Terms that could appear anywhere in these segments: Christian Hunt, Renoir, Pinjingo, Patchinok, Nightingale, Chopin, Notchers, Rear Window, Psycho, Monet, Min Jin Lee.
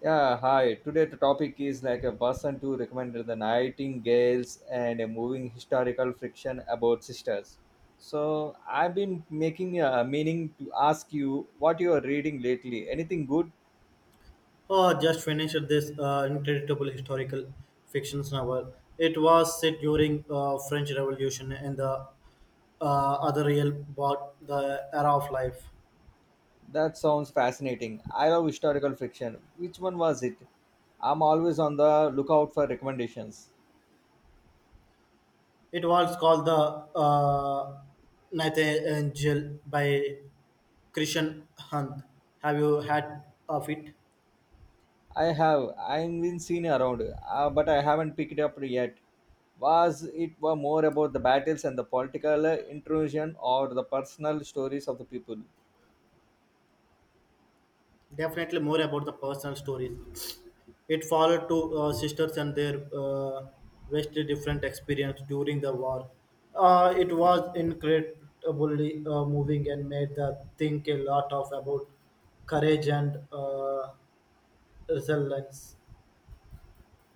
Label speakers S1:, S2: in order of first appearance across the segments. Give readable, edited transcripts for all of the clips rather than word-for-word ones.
S1: Yeah, hi. Today the topic is like a person to recommend the Nightingales and a moving historical fiction about sisters. So I've been making a meaning to ask you what you are reading lately. Anything good?
S2: Oh, just finished this incredible historical fiction novel. It was set during French Revolution and the other real about the era of life.
S1: That sounds fascinating. I love historical fiction. Which one was it? I'm always on the lookout for recommendations.
S2: It was called the Nightingale by Christian Hunt. Have you had of it?
S1: I have. I've been seen around, but I haven't picked up yet. Was it were more about the battles and the political intrusion or the personal stories of the people?
S2: Definitely more about the personal stories. It followed two sisters and their vastly different experience during the war. It was incredibly moving and made the think a lot of about courage and resilience.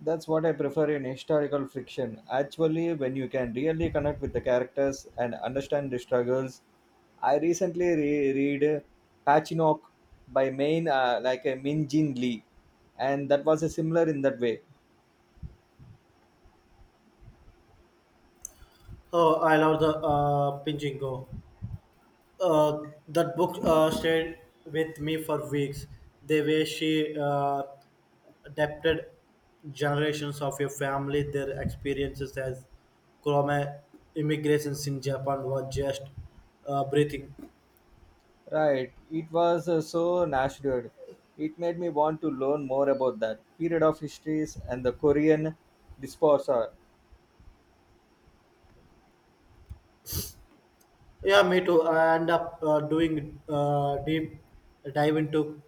S1: That's what I prefer in historical fiction. Actually, when you can really connect with the characters and understand the struggles. I recently read Patchinok by main like a Min Jin Lee, and that was a similar in that way.
S2: Oh, I love the Pinjingo. Uh, that book stayed with me for weeks. The way she adapted generations of your family their experiences as Chroma immigrations in Japan were just breathing.
S1: Right. It was so natural. It made me want to learn more about that period of histories and the Korean disposer.
S2: Yeah, me too. I end up doing deep dive into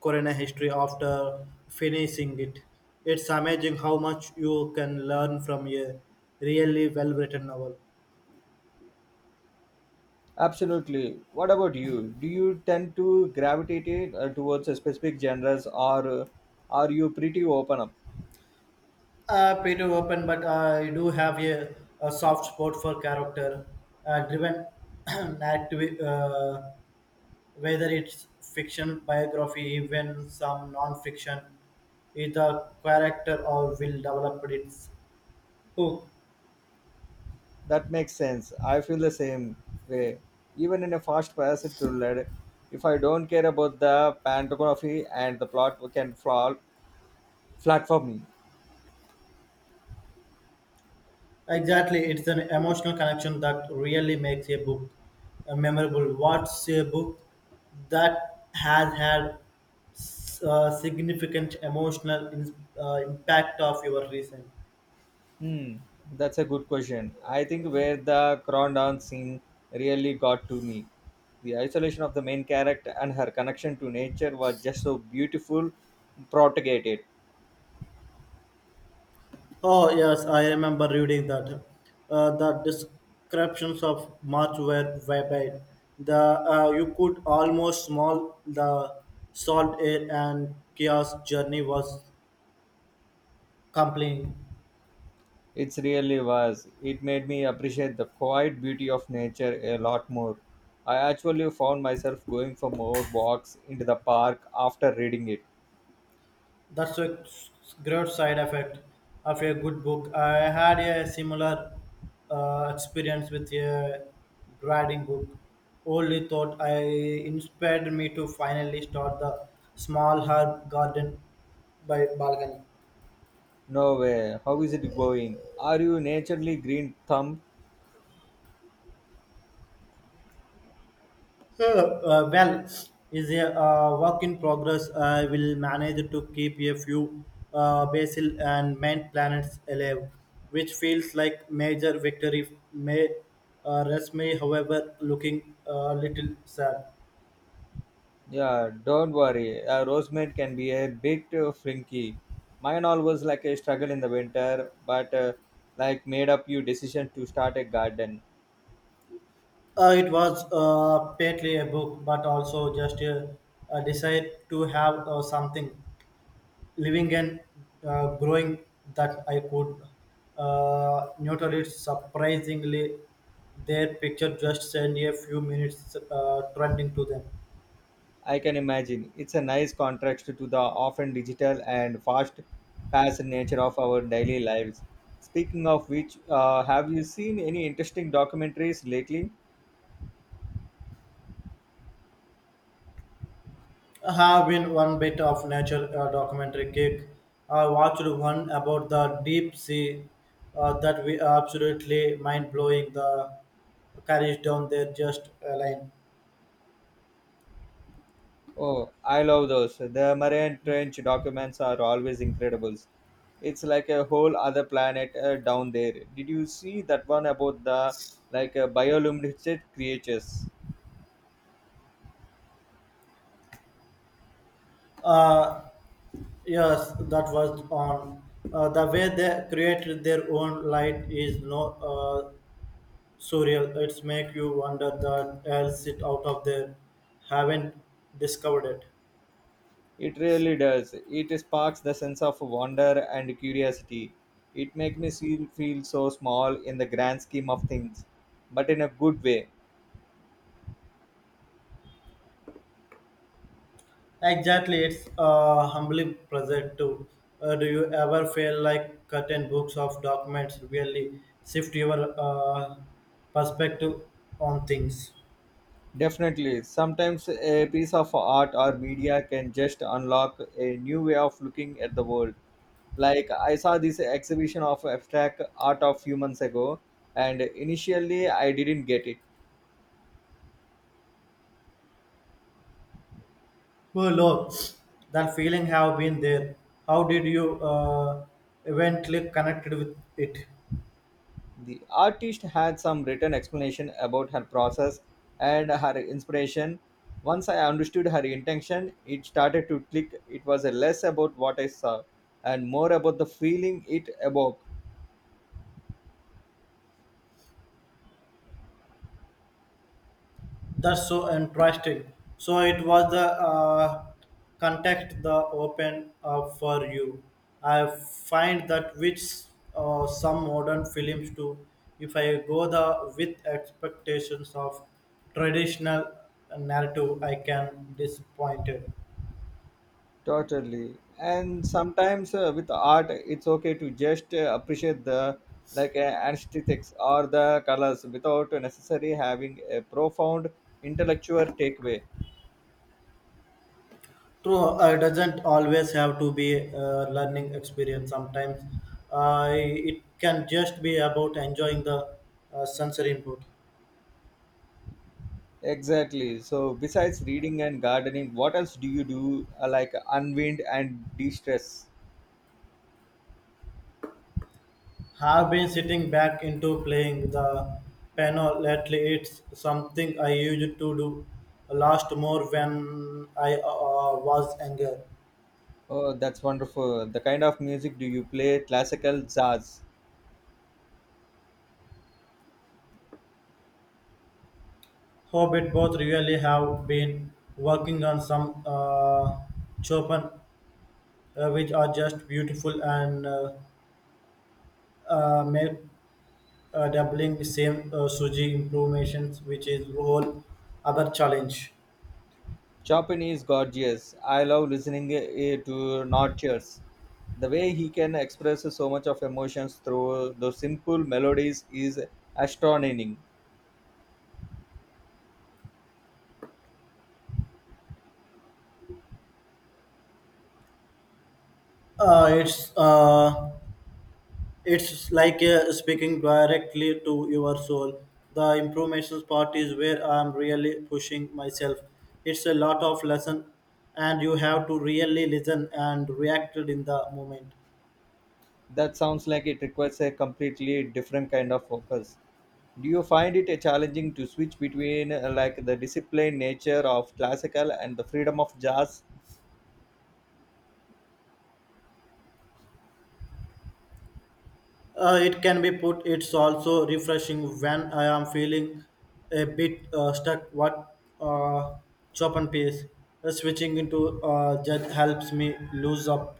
S2: Corona history after finishing it. It's amazing how much you can learn from a really well-written novel.
S1: Absolutely. What about you? Do you tend to gravitate it, towards a specific genres or are you pretty open up?
S2: Pretty open, but I do have a soft spot for character driven narrative. Whether it's fiction, biography, even some non-fiction, if the character or will develop its hook.
S1: That makes sense. I feel the same way. Even in a fast paced thriller, if I don't care about the pantography and the plot can fall flat for me.
S2: Exactly, it's an emotional connection that really makes a book memorable. What's a book that has had significant emotional impact of your recent?
S1: Hmm, that's a good question. I think where the Crondon scene really got to me. The isolation of the main character and her connection to nature was just so beautiful, propagated.
S2: Oh, yes, I remember reading that. The descriptions of March were vivid. The you could almost smell the salt air, and Kia's journey was compelling.
S1: It really was. It made me appreciate the quiet beauty of nature a lot more. I actually found myself going for more walks into the park after reading it.
S2: That's a great side effect of a good book. I had a similar experience with a grading book. Only thought I inspired me to finally start the small herb garden by balcony.
S1: No way, how is it going? Are you naturally green thumb?
S2: So, well, is a work in progress. I will manage to keep a few basil and main planets alive, which feels like major victory. May rest me, however, looking a little sad.
S1: Yeah, don't worry. A rosemaid can be a bit flinky. Mine always like a struggle in the winter, but like made up you decision to start a garden.
S2: It was partly a book, but also just a desire to have something. Living and growing that I could nurture it surprisingly. Their picture just send a few minutes trending to them.
S1: I can imagine. It's a nice contrast to the often digital and fast paced nature of our daily lives. Speaking of which, have you seen any interesting documentaries lately?
S2: I have been one bit of nature documentary kick. I watched one about the deep sea that we absolutely mind blowing. The carriage down there just a line.
S1: Oh, I love those. The Marian Trench documents are always incredible. It's like a whole other planet down there. Did you see that one about the bioluminescent creatures?
S2: Uh, yes, that was on. The way they created their own light is no surreal. It's make you wonder that else it out of there. Haven't discovered it.
S1: It really does. It sparks the sense of wonder and curiosity. It makes me feel so small in the grand scheme of things, but in a good way.
S2: Exactly, it's a humbling present too. Do you ever feel like certain books of documents really shift your perspective on things?
S1: Definitely. Sometimes a piece of art or media can just unlock a new way of looking at the world. Like I saw this exhibition of abstract art of few months ago, and initially I didn't get it.
S2: Oh Lord, that feeling have been there. How did you eventually connected with it?
S1: The artist had some written explanation about her process and her inspiration. Once I understood her intention, it started to click. It was less about what I saw and more about the feeling it evoked.
S2: That's so interesting. So it was the contact the open up for you. I find that which some modern films do. If I go the with expectations of traditional narrative, I can disappointed.
S1: Totally. And sometimes with art, it's okay to just appreciate the aesthetics or the colors without necessarily having a profound intellectual takeaway.
S2: True, it doesn't always have to be a learning experience. Sometimes it can just be about enjoying the sensory input.
S1: Exactly. So besides reading and gardening, what else do you do like unwind and de-stress?
S2: Have been sitting back into playing the piano lately. It's something I used to do last more when I was younger.
S1: Oh, that's wonderful. The kind of music do you play? Classical, jazz.
S2: Hope it both really have been working on some Chopin, which are just beautiful and make doubling same Suji improvements, which is whole other challenge.
S1: Chopin is gorgeous. I love listening to Notchers. The way he can express so much of emotions through those simple melodies is astonishing.
S2: Uh, it's uh, It's like speaking directly to your soul. The improvements part is where I'm really pushing myself. It's a lot of lesson, and you have to really listen and react in the moment.
S1: That sounds like it requires a completely different kind of focus. Do you find it challenging to switch between like the disciplined nature of classical and the freedom of jazz?
S2: It can be put. It's also refreshing when I am feeling a bit stuck. What uh, chop and paste, switching into that helps me lose up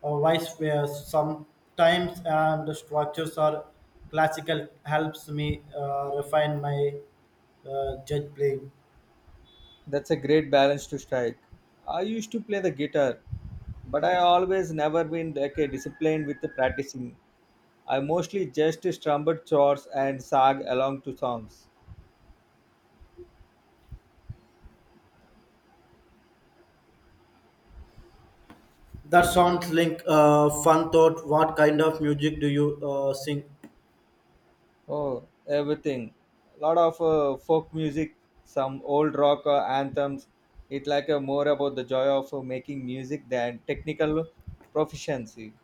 S2: or vice versa sometimes and the structures are classical helps me refine my judge playing.
S1: That's a great balance to strike. I used to play the guitar, but I always never been like a disciplined with the practicing. I mostly just strummed chords and sang along to songs.
S2: That sounds like fun thought what kind of music do you sing.
S1: Oh, everything. A lot of folk music, some old rock anthems. It like more about the joy of making music than technical proficiency.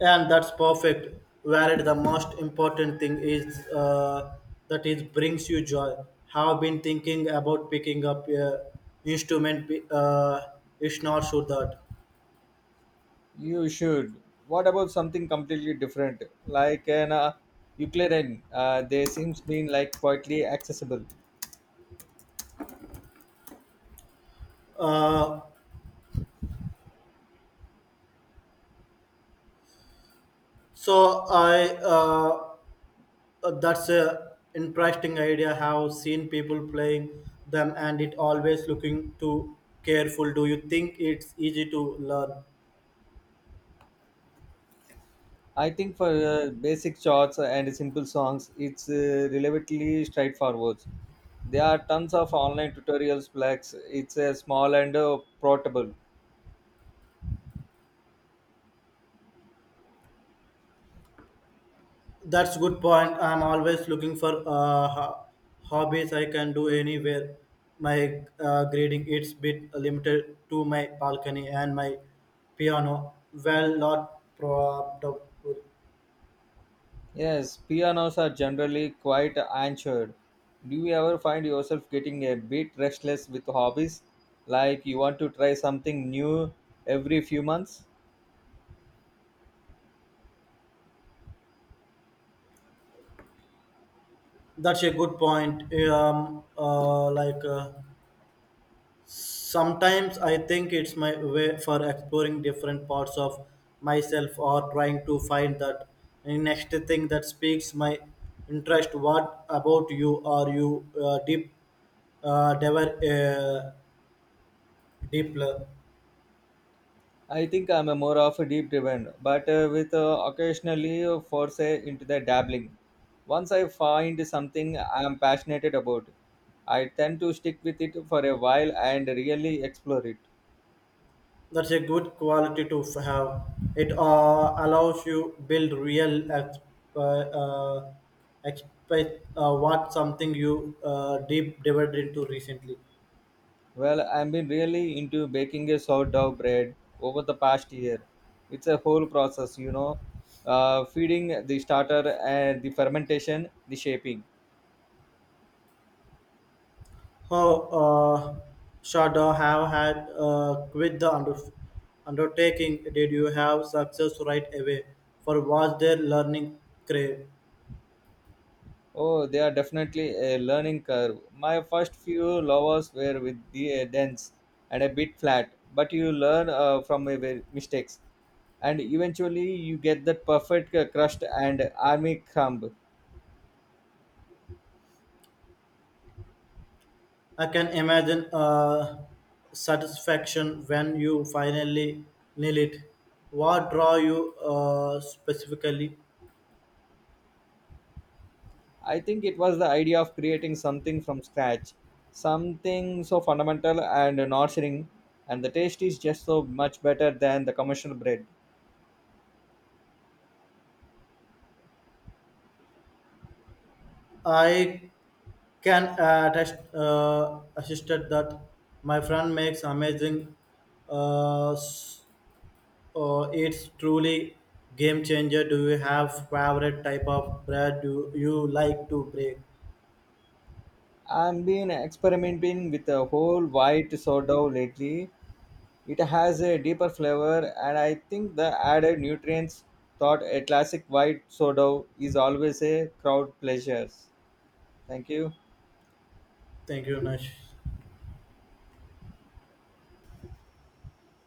S2: And that's perfect where the most important thing is that it brings you joy. Have been thinking about picking up a instrument it's not sure that
S1: You should. What about something completely different, like an ukulele? They seems been like quietly accessible.
S2: uh, so I that's a interesting idea. Have seen people playing them, and it always looking too careful. Do you think it's easy to learn?
S1: I think for basic shots and simple songs, it's relatively straightforward. There are tons of online tutorials, plus it's small and portable.
S2: That's good point. I'm always looking for hobbies I can do anywhere. My grading it's bit limited to my balcony and my piano. Well, not probable.
S1: Yes, pianos are generally quite anchored. Do you ever find yourself getting a bit restless with hobbies? Like you want to try something new every few months?
S2: That's a good point. Sometimes I think it's my way for exploring different parts of myself or trying to find that next thing that speaks my interest. What about you? Are you uh, deep, uh, diver, uh, deep,
S1: I think I'm a more of a deep driven, but with occasionally force into the dabbling. Once I find something I'm passionate about, I tend to stick with it for a while and really explore it.
S2: That's a good quality to have. It allows you build real exp- uh, uh, expect what something you deep dived into recently.
S1: Well, I've been really into baking a sourdough bread over the past year. It's a whole process, you know, feeding the starter and the fermentation, the shaping.
S2: How should I have had quit the undertaking? Did you have success right away? For was their learning crave?
S1: Oh, they are definitely a learning curve. My first few lovers were with the dense and a bit flat, but you learn from your mistakes, and eventually you get that perfect crust and army crumb.
S2: I can imagine satisfaction when you finally nail it. What draw you specifically?
S1: I think it was the idea of creating something from scratch, something so fundamental and nurturing, and the taste is just so much better than the commercial bread.
S2: I can attest, attested that my friend makes amazing uh, s- it's truly game changer. Do you have favorite type of bread do you like to break?
S1: I've been experimenting with a whole white sourdough lately. It has a deeper flavor, and I think the added nutrients thought a classic white soda is always a crowd pleasure. Thank you.
S2: Thank you, Nash.